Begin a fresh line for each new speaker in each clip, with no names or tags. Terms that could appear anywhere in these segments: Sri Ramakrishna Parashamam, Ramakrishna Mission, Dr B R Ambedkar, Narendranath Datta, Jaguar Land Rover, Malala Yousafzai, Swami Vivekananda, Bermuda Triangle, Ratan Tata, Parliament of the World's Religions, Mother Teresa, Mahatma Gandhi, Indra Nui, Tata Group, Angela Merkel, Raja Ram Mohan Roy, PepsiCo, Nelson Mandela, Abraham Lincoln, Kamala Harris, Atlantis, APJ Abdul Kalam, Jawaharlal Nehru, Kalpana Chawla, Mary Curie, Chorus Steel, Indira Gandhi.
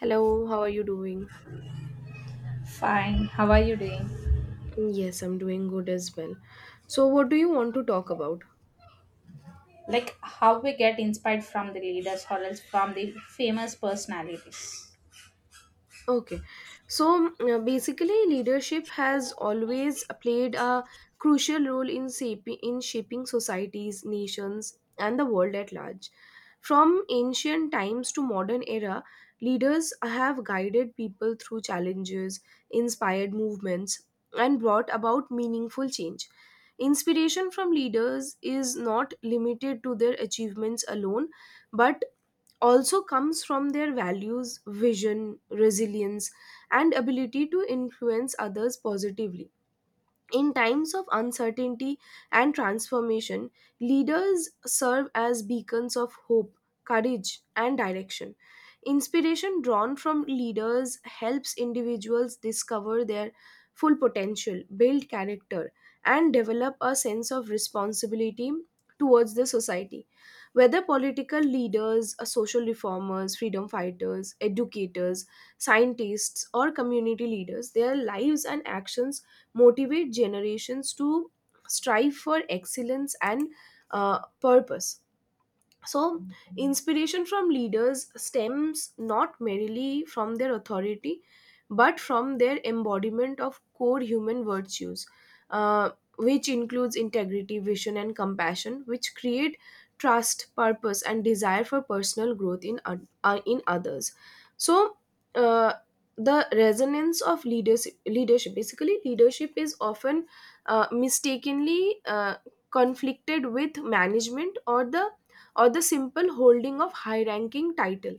Hello, how are you doing?
Fine. How are you doing?
Yes, I'm doing good as well. So, what do you want to talk about?
Like how we get inspired from the leaders or else from the famous personalities.
Okay. So basically, leadership has always played a crucial role in shaping societies, nations, and the world at large. From ancient times to modern era, leaders have guided people through challenges, inspired movements, and brought about meaningful change. Inspiration from leaders is not limited to their achievements alone, but also comes from their values, vision, resilience, and ability to influence others positively. In times of uncertainty and transformation, leaders serve as beacons of hope, courage, and direction. Inspiration drawn from leaders helps individuals discover their full potential, build character, and develop a sense of responsibility towards the society. Whether political leaders, social reformers, freedom fighters, educators, scientists, or community leaders, their lives and actions motivate generations to strive for excellence and uh, purpose. So, inspiration from leaders stems not merely from their authority, but from their embodiment of core human virtues, uh, which includes integrity, vision, and compassion, which create trust, purpose, and desire for personal growth in in others. So, uh, the resonance of leaders leadership, basically leadership is often mistakenly conflicted with management or the simple holding of high ranking title.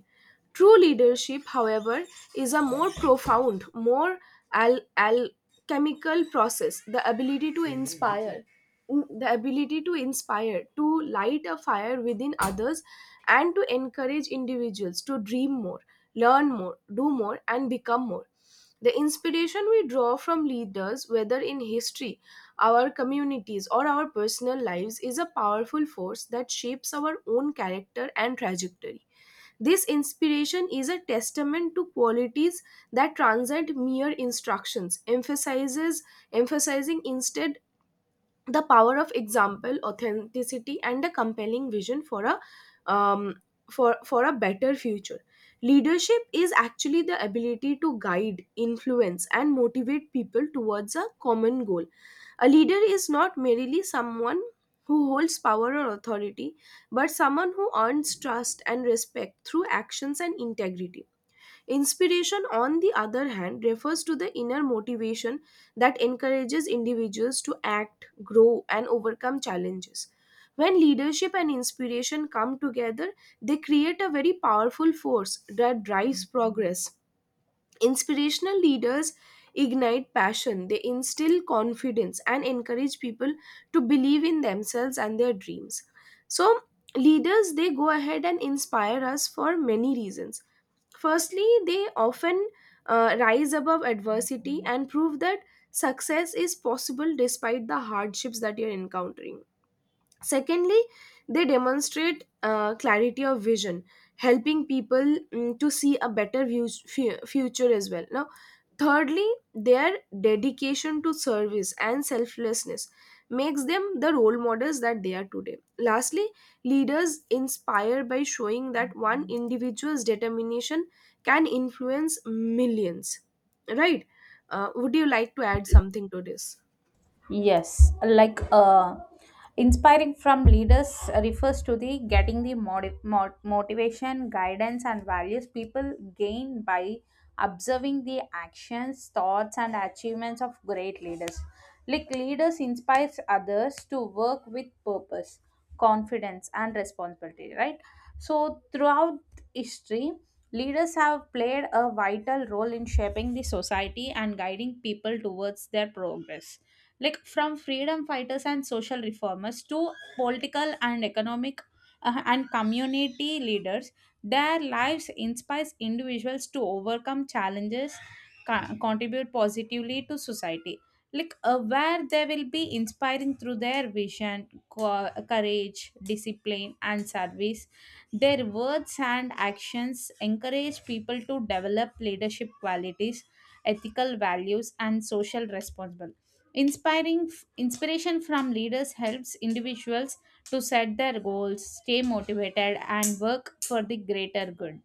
True leadership, however, is a more profound, more alchemical process. The ability to inspire, the ability to inspire, to light a fire within others, and to encourage individuals to dream more, learn more, do more, and become more. The inspiration we draw from leaders, whether in history, our communities, or our personal lives, is a powerful force that shapes our own character and trajectory. This inspiration is a testament to qualities that transcend mere instructions, emphasizes emphasizing instead the power of example, authenticity, and a compelling vision for um, for a better future. Leadership is actually the ability to guide, influence, and motivate people towards a common goal. A leader is not merely someone who holds power or authority, but someone who earns trust and respect through actions and integrity. Inspiration, on the other hand, refers to the inner motivation that encourages individuals to act, grow, and overcome challenges. When leadership and inspiration come together, they create a very powerful force that drives progress. Inspirational leaders ignite passion, they instill confidence and encourage people to believe in themselves and their dreams. So, leaders they go ahead and inspire us for many reasons. Firstly, they often rise above adversity and prove that success is possible despite the hardships that you're encountering. Secondly, they demonstrate clarity of vision, helping people to see a better view, future as well. Now, thirdly, their dedication to service and selflessness makes them the role models that they are today. Lastly, leaders inspire by showing that one individual's determination can influence millions. Right? Would you like to add something to this?
Yes, inspiring from leaders refers to the getting the motivation, guidance, and values people gain by observing the actions, thoughts, and achievements of great leaders. Like leaders inspires others to work with purpose, confidence, and responsibility. Right. So throughout history, leaders have played a vital role in shaping the society and guiding people towards their progress, like from freedom fighters and social reformers to political and economic, and community leaders. Their lives inspires individuals to overcome challenges, contribute positively to society, where they will be inspiring through their vision, courage, discipline, and service. Their words and actions encourage people to develop leadership qualities, ethical values, and social responsibility. Inspiration from leaders helps individuals to set their goals, stay motivated, and work for the greater good,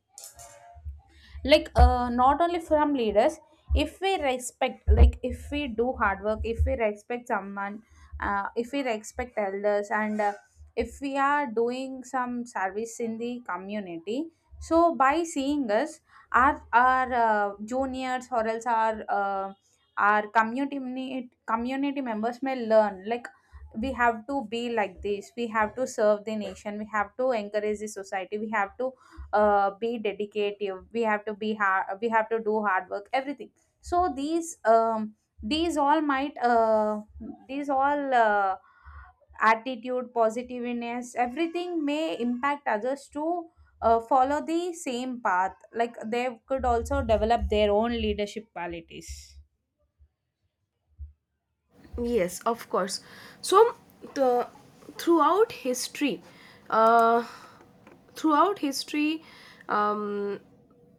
not only from leaders. If we respect, like if we do hard work, if we respect someone, if we respect elders, and if we are doing some service in the community, so by seeing us, our juniors or else our our community members may learn, like we have to be like this, we have to serve the nation, we have to encourage the society, we have to be dedicative, we have to be hard, we have to do hard work, everything. So these all might uh, these all attitude, positiveness, everything may impact others to follow the same path, like they could also develop their own leadership qualities.
Yes, of course. So, the, throughout history, uh, throughout history, um,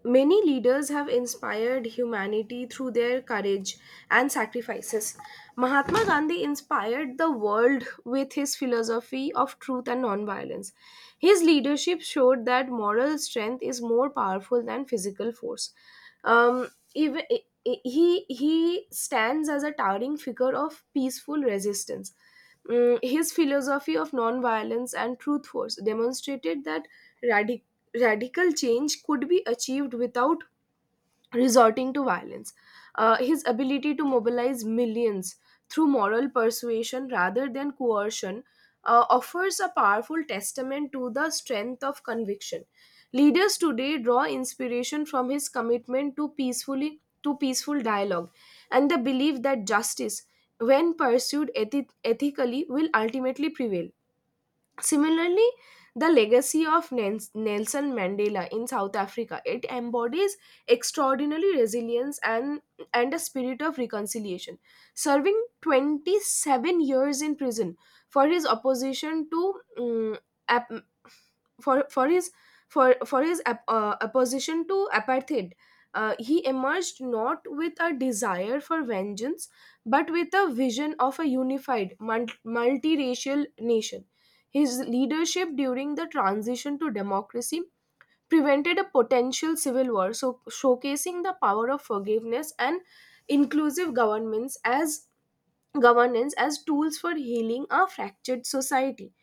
Many leaders have inspired humanity through their courage and sacrifices. Mahatma Gandhi inspired the world with his philosophy of truth and nonviolence. His leadership showed that moral strength is more powerful than physical force. Um, even, he stands as a towering figure of peaceful resistance. His philosophy of nonviolence and truth force demonstrated that radic- radical change could be achieved without resorting to violence. His ability to mobilize millions through moral persuasion rather than coercion offers a powerful testament to the strength of conviction. Leaders today draw inspiration from his commitment to peaceful dialogue and the belief that justice, when pursued ethically, will ultimately prevail. Similarly, the legacy of Nelson Mandela in South Africa it embodies extraordinary resilience and a spirit of reconciliation, serving 27 years in prison for his opposition to, um, ap- for his ap- opposition to apartheid. He emerged not with a desire for vengeance but with a vision of a unified multiracial nation. His leadership during the transition to democracy prevented a potential civil war, so showcasing the power of forgiveness and inclusive governments as governance as tools for healing a fractured society.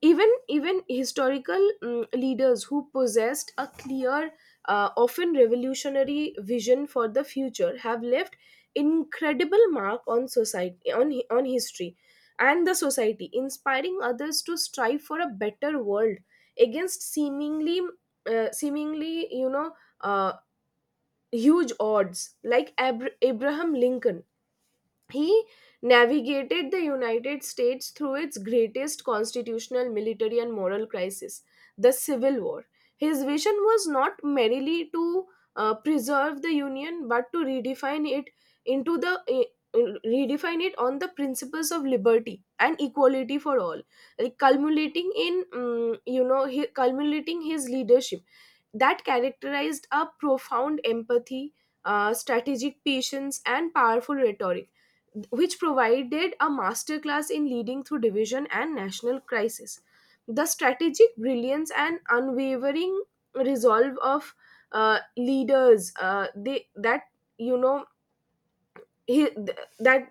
Even historical leaders who possessed a clear, often revolutionary vision for the future, have left incredible mark on society, on history and the society, inspiring others to strive for a better world against seemingly, uh, huge odds, like Abraham Lincoln. He navigated the United States through its greatest constitutional, military, and moral crisis, the Civil War. His vision was not merely to preserve the Union but to redefine it into the eh, redefine it on the principles of liberty and equality for all, like culminating in, culminating his leadership that characterized a profound empathy, strategic patience, and powerful rhetoric, which provided a masterclass in leading through division and national crisis. The strategic brilliance and unwavering resolve of leaders, they, that you know he th- that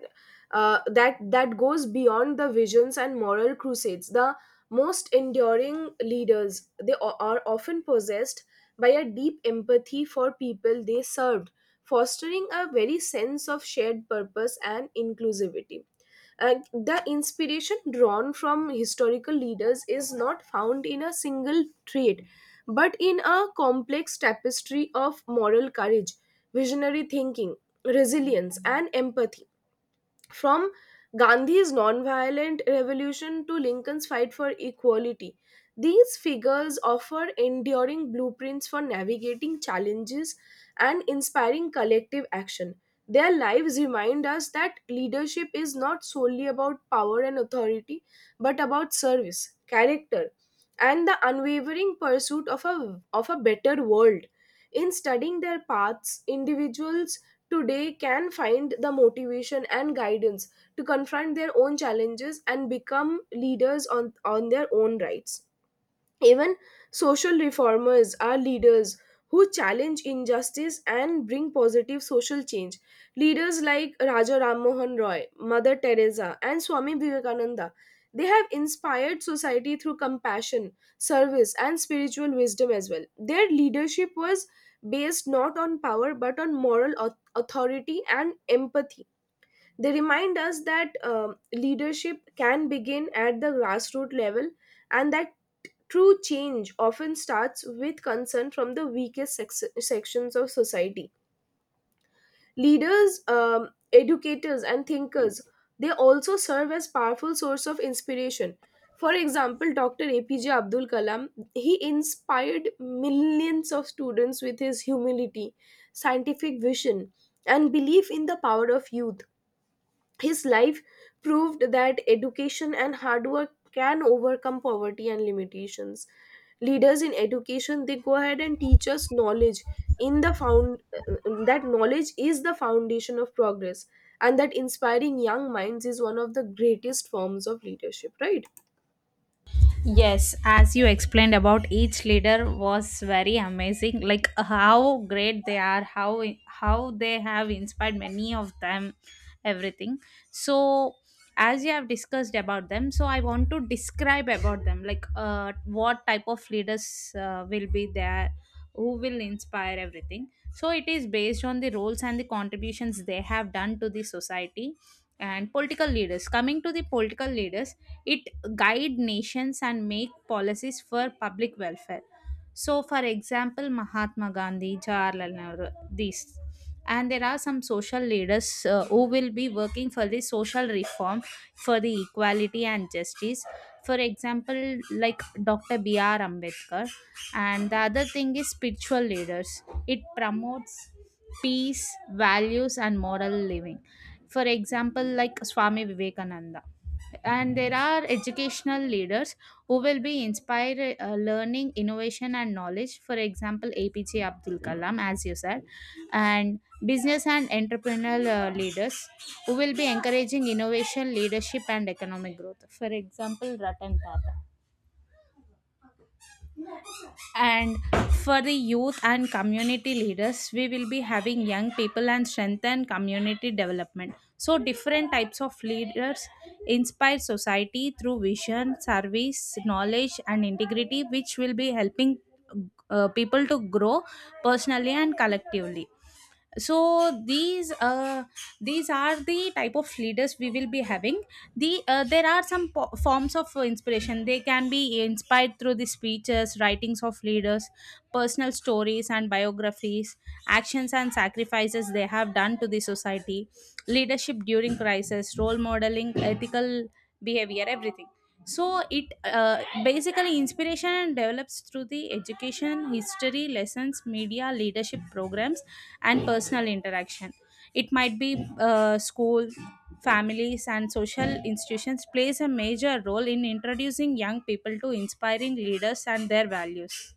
that that goes beyond the visions and moral crusades, the most enduring leaders are often possessed by a deep empathy for people they served, fostering a very sense of shared purpose and inclusivity. And the inspiration drawn from historical leaders is not found in a single trait but in a complex tapestry of moral courage, visionary thinking, resilience, and empathy. From Gandhi's nonviolent revolution to Lincoln's fight for equality, these figures offer enduring blueprints for navigating challenges and inspiring collective action. Their lives remind us that leadership is not solely about power and authority, but about service, character, and the unwavering pursuit of of a better world. In studying their paths, individuals today can find the motivation and guidance to confront their own challenges and become leaders on, their own rights. Even social reformers are leaders who challenge injustice and bring positive social change. Leaders like Raja Ram Mohan Roy, Mother Teresa, and Swami Vivekananda. They have inspired society through compassion, service, and spiritual wisdom as well. Their leadership was based not on power but on moral authority and empathy. They remind us that leadership can begin at the grassroots level, and that true change often starts with concern from the weakest sections of society. Leaders, educators, and thinkers, they also serve as powerful source of inspiration. For example, Dr. APJ Abdul Kalam, he inspired millions of students with his humility, scientific vision, and belief in the power of youth. His life proved that education and hard work can overcome poverty and limitations. Leaders in education they go ahead and teach us knowledge, in the found that knowledge is the foundation of progress and that inspiring young minds is one of the greatest forms of leadership, right?
Yes, as you explained about each leader, was very amazing. Like how great they are, how they have inspired many of them, everything. So as you have discussed about them, so I want to describe about them, what type of leaders will be there, who will inspire everything. So it is based on the roles and the contributions they have done to the society, and political leaders. Coming to the political leaders, it guide nations and make policies for public welfare. So for example, Mahatma Gandhi, Jawaharlal Nehru, these. And there are some social leaders, who will be working for the social reform, for the equality and justice. For example, like Dr. B. R. Ambedkar. And the other thing is spiritual leaders, it promotes peace, values, and moral living. For example, like Swami Vivekananda. And there are educational leaders who will be inspired learning, innovation, and knowledge. For example, APJ Abdul Kalam, as you said. And business and entrepreneurial leaders, who will be encouraging innovation, leadership, and economic growth. For example, Ratan Tata. And for the youth and community leaders, we will be having young people and strengthen community development. So different types of leaders inspire society through vision, service, knowledge, and integrity, which will be helping people to grow personally and collectively. So these are the type of leaders we will be having. There are some forms of inspiration. They can be inspired through the speeches, writings of leaders, personal stories and biographies, actions and sacrifices they have done to the society, leadership during crisis, role modeling, ethical behavior, everything. So it basically inspiration develops through the education, history lessons, media, leadership programs, and personal interaction. It might be school, families, and social institutions plays a major role in introducing young people to inspiring leaders and their values.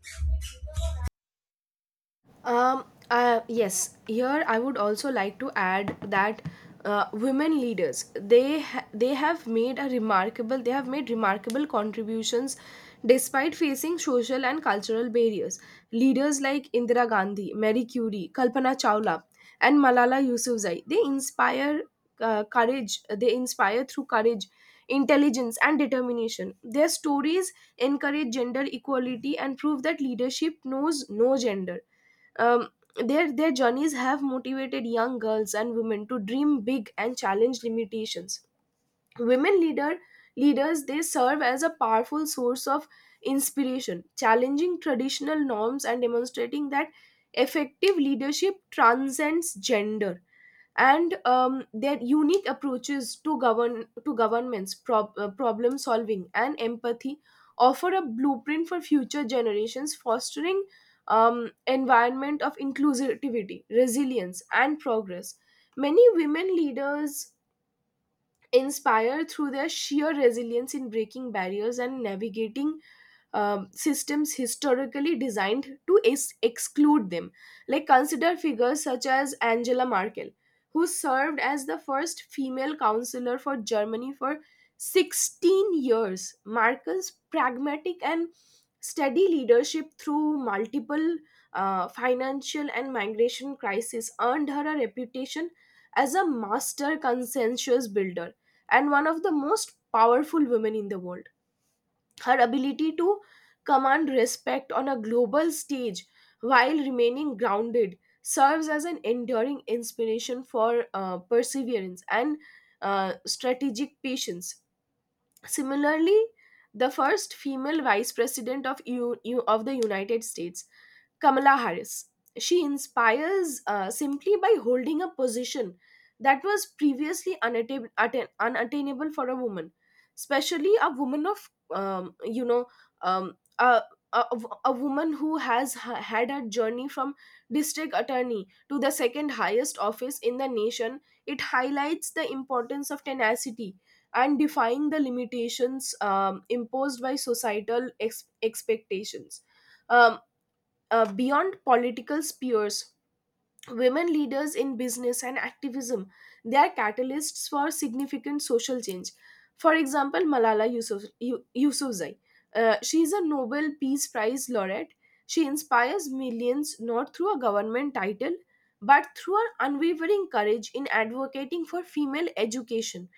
Um, yes, here I would also like to add that women leaders they have made remarkable contributions despite facing social and cultural barriers. Leaders like Indira Gandhi, Mary Curie, Kalpana Chawla, and Malala Yousafzai, they inspire through courage, intelligence, and determination. Their stories encourage gender equality and prove that leadership knows no gender. um, their journeys have motivated young girls and women to dream big and challenge limitations. Women leaders they serve as a powerful source of inspiration, challenging traditional norms and demonstrating that effective leadership transcends gender. And Their unique approaches to governments, problem solving, and empathy offer a blueprint for future generations, fostering environment of inclusivity, resilience, and progress. Many women leaders inspire through their sheer resilience in breaking barriers and navigating systems historically designed to exclude them. Like, consider figures such as Angela Merkel, who served as the first female counselor for Germany for 16 years. Merkel's pragmatic and steady leadership through multiple financial and migration crises earned her a reputation as a master consensus builder and one of the most powerful women in the world. Her ability to command respect on a global stage while remaining grounded serves as an enduring inspiration for perseverance and strategic patience. Similarly, the first female vice president of the United States, Kamala Harris. She inspires simply by holding a position that was previously unattainable for a woman, especially a woman of, um, a, a, a woman who has had a journey from district attorney to the second highest office in the nation. It highlights the importance of tenacity and defying the limitations imposed by societal expectations. Um, Beyond political spheres, women leaders in business and activism, they are catalysts for significant social change. For example, malala yousafzai, she is a nobel peace prize laureate. She inspires millions not through a government title, but through her unwavering courage in advocating for female education,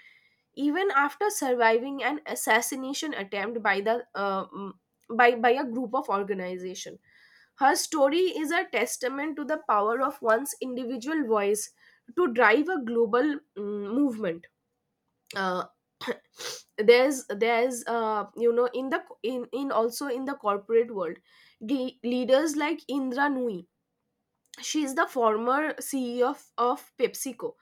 even after surviving an assassination attempt by the mm, by a group of organization. Her story is a testament to the power of one's individual voice to drive a global movement. Uh, there's you know In the in, also in the corporate world, the leaders like Indra Nui, she is the former CEO of PepsiCo.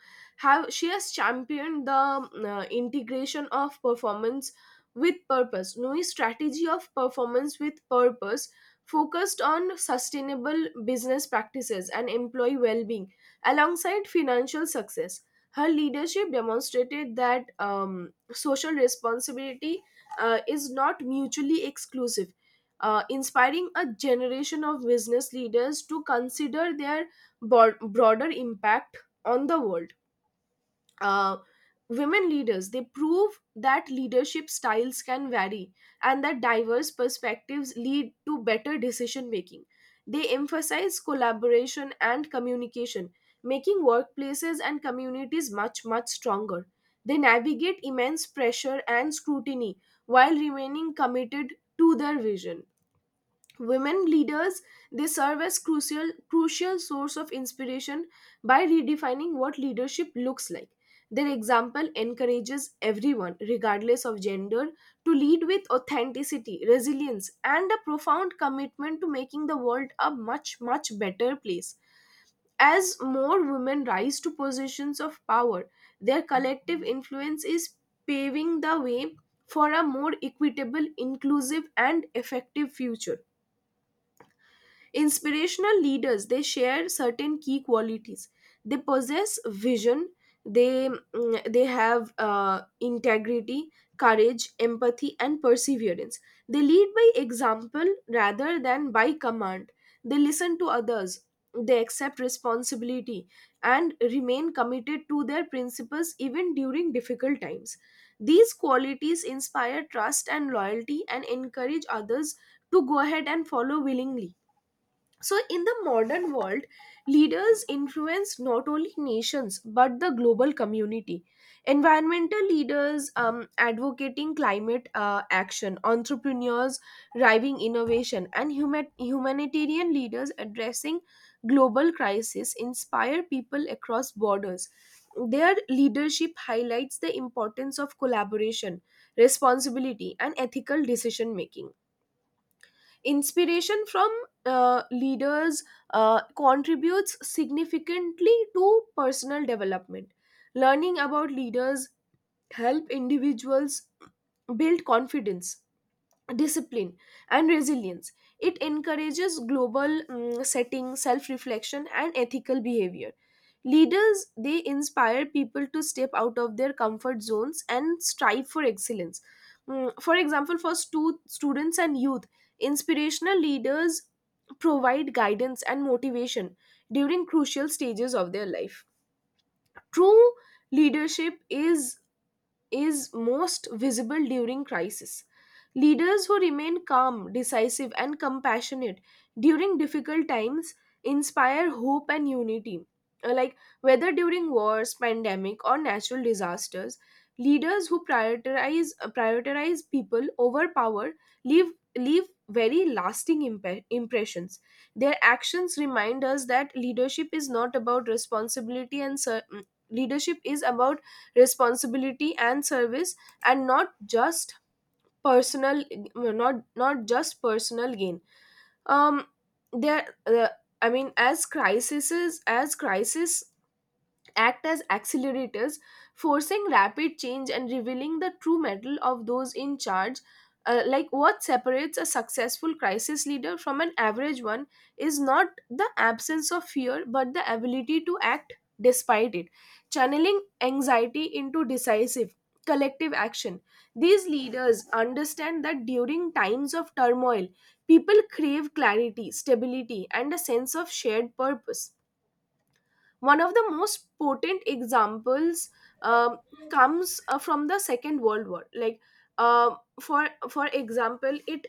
Have She has championed the integration of performance with purpose. New strategy of performance with purpose focused on sustainable business practices and employee well-being alongside financial success. Her leadership demonstrated that social responsibility is not mutually exclusive, inspiring a generation of business leaders to consider their broader impact on the world. Uh, Women leaders, they prove that leadership styles can vary and that diverse perspectives lead to better decision making. They emphasize collaboration and communication, making workplaces and communities much stronger. They navigate immense pressure and scrutiny while remaining committed to their vision. Women leaders, they serve as crucial source of inspiration. By redefining what leadership looks like, their example encourages everyone, regardless of gender, to lead with authenticity, resilience, and a profound commitment to making the world a much better place. As more women rise to positions of power, their collective influence is paving the way for a more equitable, inclusive, and effective future. Inspirational leaders, they share certain key qualities. They possess vision, they have integrity, courage, empathy, and perseverance. They lead by example rather than by command. They listen to others, they accept responsibility, and remain committed to their principles even during difficult times. These qualities inspire trust and loyalty and encourage others to go ahead and follow willingly. So, in the modern world, leaders influence not only nations but the global community. Environmental leaders advocating climate action, entrepreneurs driving innovation, and humanitarian leaders addressing global crisis inspire people across borders. Their leadership highlights the importance of collaboration, responsibility, and ethical decision making. Inspiration from leaders contributes significantly to personal development. Learning about leaders help individuals build confidence, discipline, and resilience. It encourages global setting, self reflection, and ethical behavior. Leaders, they inspire people to step out of their comfort zones and strive for excellence. For example, for students and youth, inspirational leaders provide guidance and motivation during crucial stages of their life. True leadership is most visible during crisis. Leaders who remain calm, decisive, and compassionate during difficult times inspire hope and unity. Like whether during wars, pandemic, or natural disasters, leaders who prioritize prioritize people over power leave very lasting impressions. Their actions remind us that leadership is not about leadership is about responsibility and service, and not just personal, not just personal gain. Um there I mean As crises as crisis act as accelerators, forcing rapid change and revealing the true metal of those in charge. Like, what separates a successful crisis leader from an average one is not the absence of fear but the ability to act despite it, channeling anxiety into decisive collective action. These leaders understand that during times of turmoil, people crave clarity, stability, and a sense of shared purpose. One of the most potent examples um, comes from the Second World War. Uh, for example, it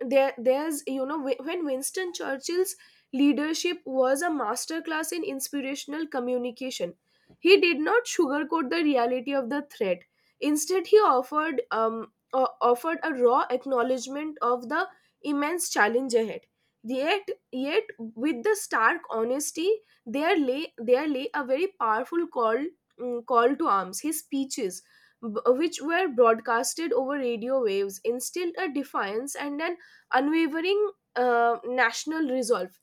there there's you know whe- when winston churchill's leadership was a masterclass in inspirational communication. He did not sugarcoat the reality of the threat. Instead he offered offered a raw acknowledgement of the immense challenge ahead. Yet with the stark honesty, there lay a very powerful call, call to arms. His speeches, which were broadcasted over radio waves, instilled a defiance and an unwavering national resolve.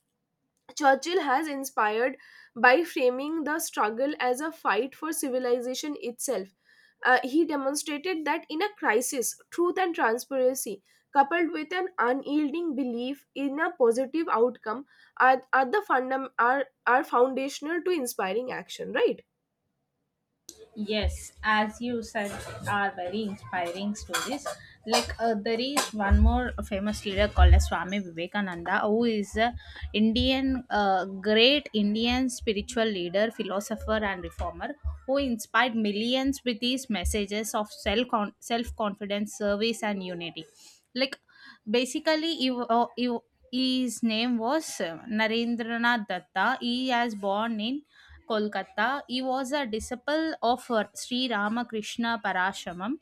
Churchill has inspired by framing the struggle as a fight for civilization itself. He demonstrated that in a crisis, truth and transparency, coupled with an unyielding belief in a positive outcome, are the are foundational to inspiring action, right?
Yes, as you said, are very inspiring stories. There is one more famous leader called as Swami Vivekananda, who is a Indian, great Indian spiritual leader, philosopher, and reformer, who inspired millions with his messages of self confidence, service, and unity. Like, basically, his name was Narendranath Datta. He was born in Kolkata. He was a disciple of Sri Ramakrishna Parashamam.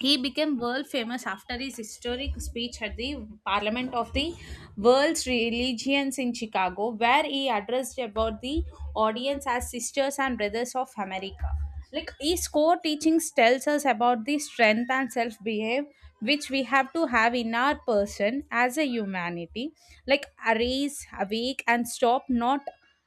He became world famous after his historic speech at the Parliament of the World's Religions in Chicago, where he addressed about the audience as sisters and brothers of America. Like, his core teachings tells us about the strength and self-behave which we have to have in our person as a humanity. Like, arise, awake, and stop not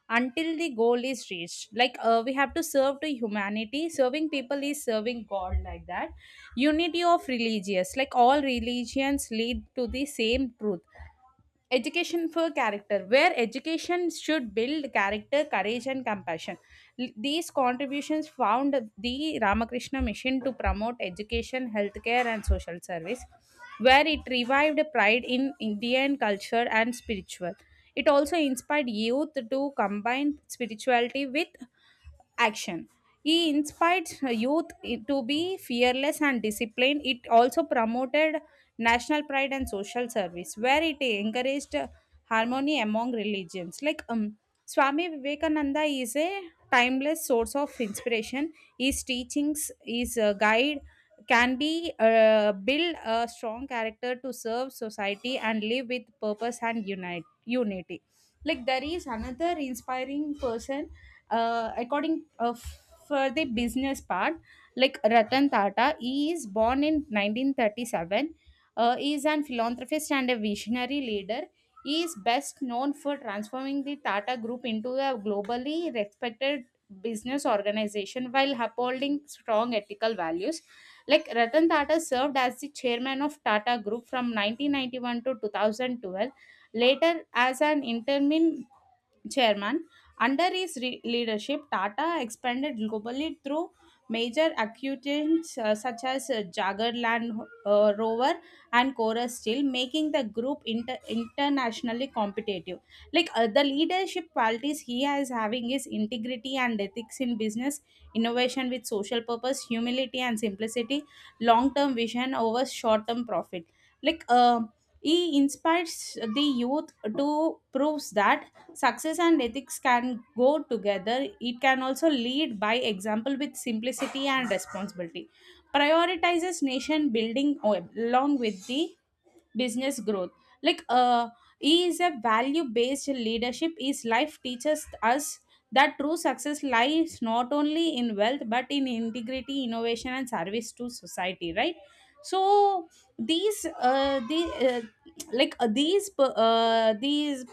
until the goal is reached. We have to serve to humanity. Serving people is serving God, like that. Unity of religious, like all religions lead to the same truth. Education for character, where education should build character, courage, and compassion. These contributions found the Ramakrishna Mission to promote education, healthcare, and social service, where it revived pride in Indian culture and spiritual. It also inspired youth to combine spirituality with action. He inspired youth to be fearless and disciplined. It also promoted national pride and social service, where it encouraged harmony among religions. Swami Vivekananda is a timeless source of inspiration. His teachings, his guide, can be build a strong character to serve society and live with purpose and unite unity. Like, there is another inspiring person, according for the business part, like Ratan Tata. He is born in 1937. He is an philanthropist and a visionary leader. He is best known for transforming the Tata group into a globally respected business organization while upholding strong ethical values. Like, Ratan Tata served as the chairman of Tata group from 1991 to 2012, later as an interim chairman. Under his leadership, Tata expanded globally through major acquisitions, such as Jaguar Land Rover and Chorus Steel, making the group internationally competitive. The leadership qualities he is having is integrity and ethics in business, innovation with social purpose, humility and simplicity, long-term vision over short-term profit. Like uh, he inspires the youth to proves that success and ethics can go together. It can also lead by example with simplicity and responsibility. Prioritizes nation building along with the business growth. Like uh, he is a value based leadership. Is life teaches us that true success lies not only in wealth but in integrity, innovation, and service to society. Right. So these the like these per- these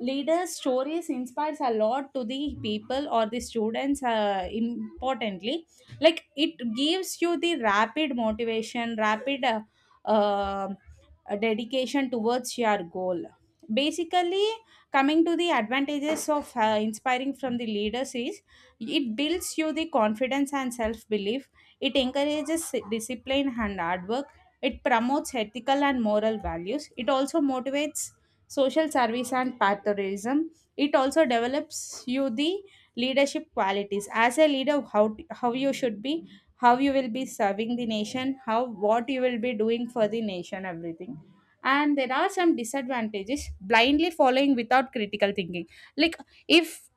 leaders stories inspires a lot to the people or the students, importantly. Like, it gives you the rapid motivation, rapid uh, dedication towards your goal. Basically, coming to the advantages of inspiring from the leaders, is it builds you the confidence and self belief, it encourages discipline and hard work, it promotes ethical and moral values, it also motivates social service and patriotism, it also develops you the leadership qualities. As a leader, how you should be, how you will be serving the nation, how, what you will be doing for the nation, everything. And there are some disadvantages: blindly following without critical thinking. Like, if,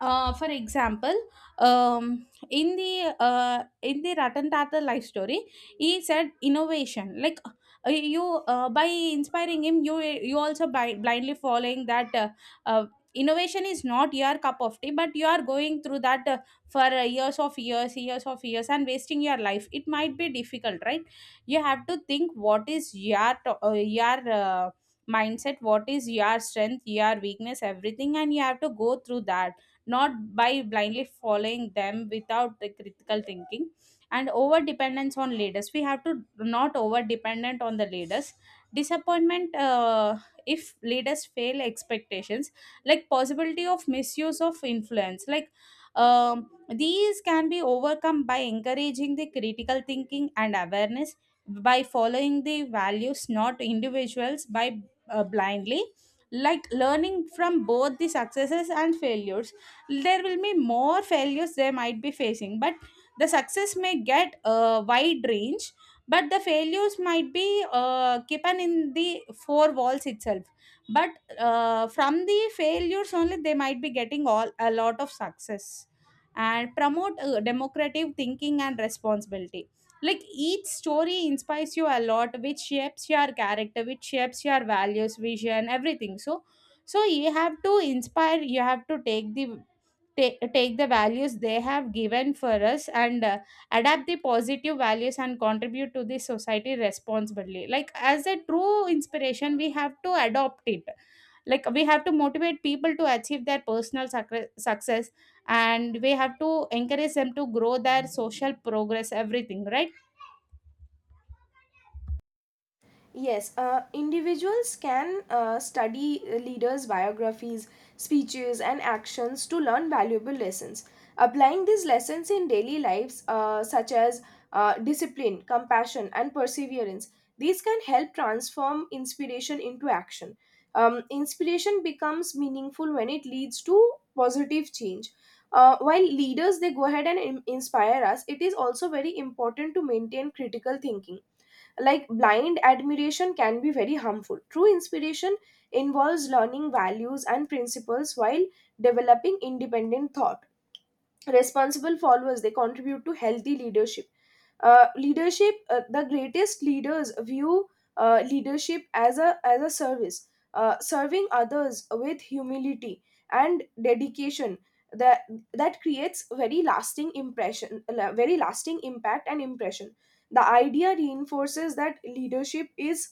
for example, in the, in the Ratan Tata life story, he said innovation. You, by inspiring him, you also by blindly following that. Uh, Innovation is not your cup of tea, but you are going through that, for years of years, years of years and wasting your life, it might be difficult, right? You have to think, what is your mindset, what is your strength, your weakness, everything, and you have to go through that, not by blindly following them without the critical thinking. And over dependence on leaders, we have to not over dependent on the leaders. Disappointment, if leaders fail expectations, like possibility of misuse of influence. These can be overcome by encouraging the critical thinking and awareness, by following the values not individuals, by blindly, like learning from both the successes and failures. There will be more failures they might be facing, but the success may get a wide range, but the failures might be kept in the four walls itself. But from the failures only they might be getting all a lot of success, and promote democratic thinking and responsibility. Like, each story inspires you a lot, which shapes your character, which shapes your values, vision, everything. So so you have to inspire, you have to take the take the values they have given for us, and adapt the positive values and contribute to the society responsibly. Like, as a true inspiration we have to adopt it. Like, we have to motivate people to achieve their personal success, and we have to encourage them to grow their social progress, everything, right?
Yes, individuals can study leaders' biographies, speeches, and actions to learn valuable lessons. Applying these lessons in daily lives, such as discipline, compassion, and perseverance, these can help transform inspiration into action. Inspiration becomes meaningful when it leads to positive change. While leaders, they go ahead and inspire us, it is also very important to maintain critical thinking. Like blind admiration can be very harmful. True inspiration involves learning values and principles while developing independent thought. Responsible followers, they contribute to healthy leadership. The greatest leaders view leadership as a service, serving others with humility and dedication. that that creates very lasting very lasting impact and impression. The idea reinforces that leadership is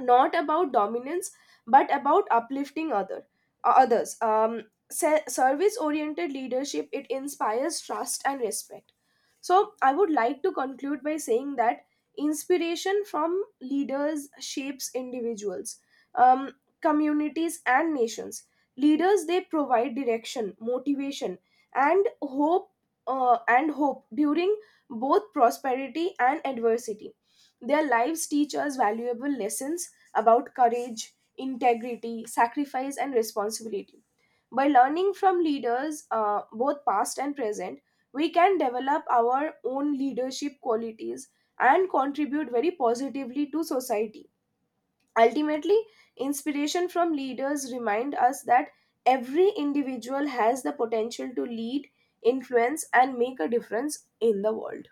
not about dominance but about uplifting others. Service oriented leadership, it inspires trust and respect. So I would like to conclude by saying that inspiration from leaders shapes individuals, um, communities, and nations. Leaders, they provide direction, motivation, and hope during both prosperity and adversity. Their lives teach us valuable lessons about courage, integrity, sacrifice, and responsibility. By learning from leaders, both past and present, we can develop our own leadership qualities and contribute very positively to society. Ultimately, inspiration from leaders remind us that every individual has the potential to lead, influence, and make a difference in the world.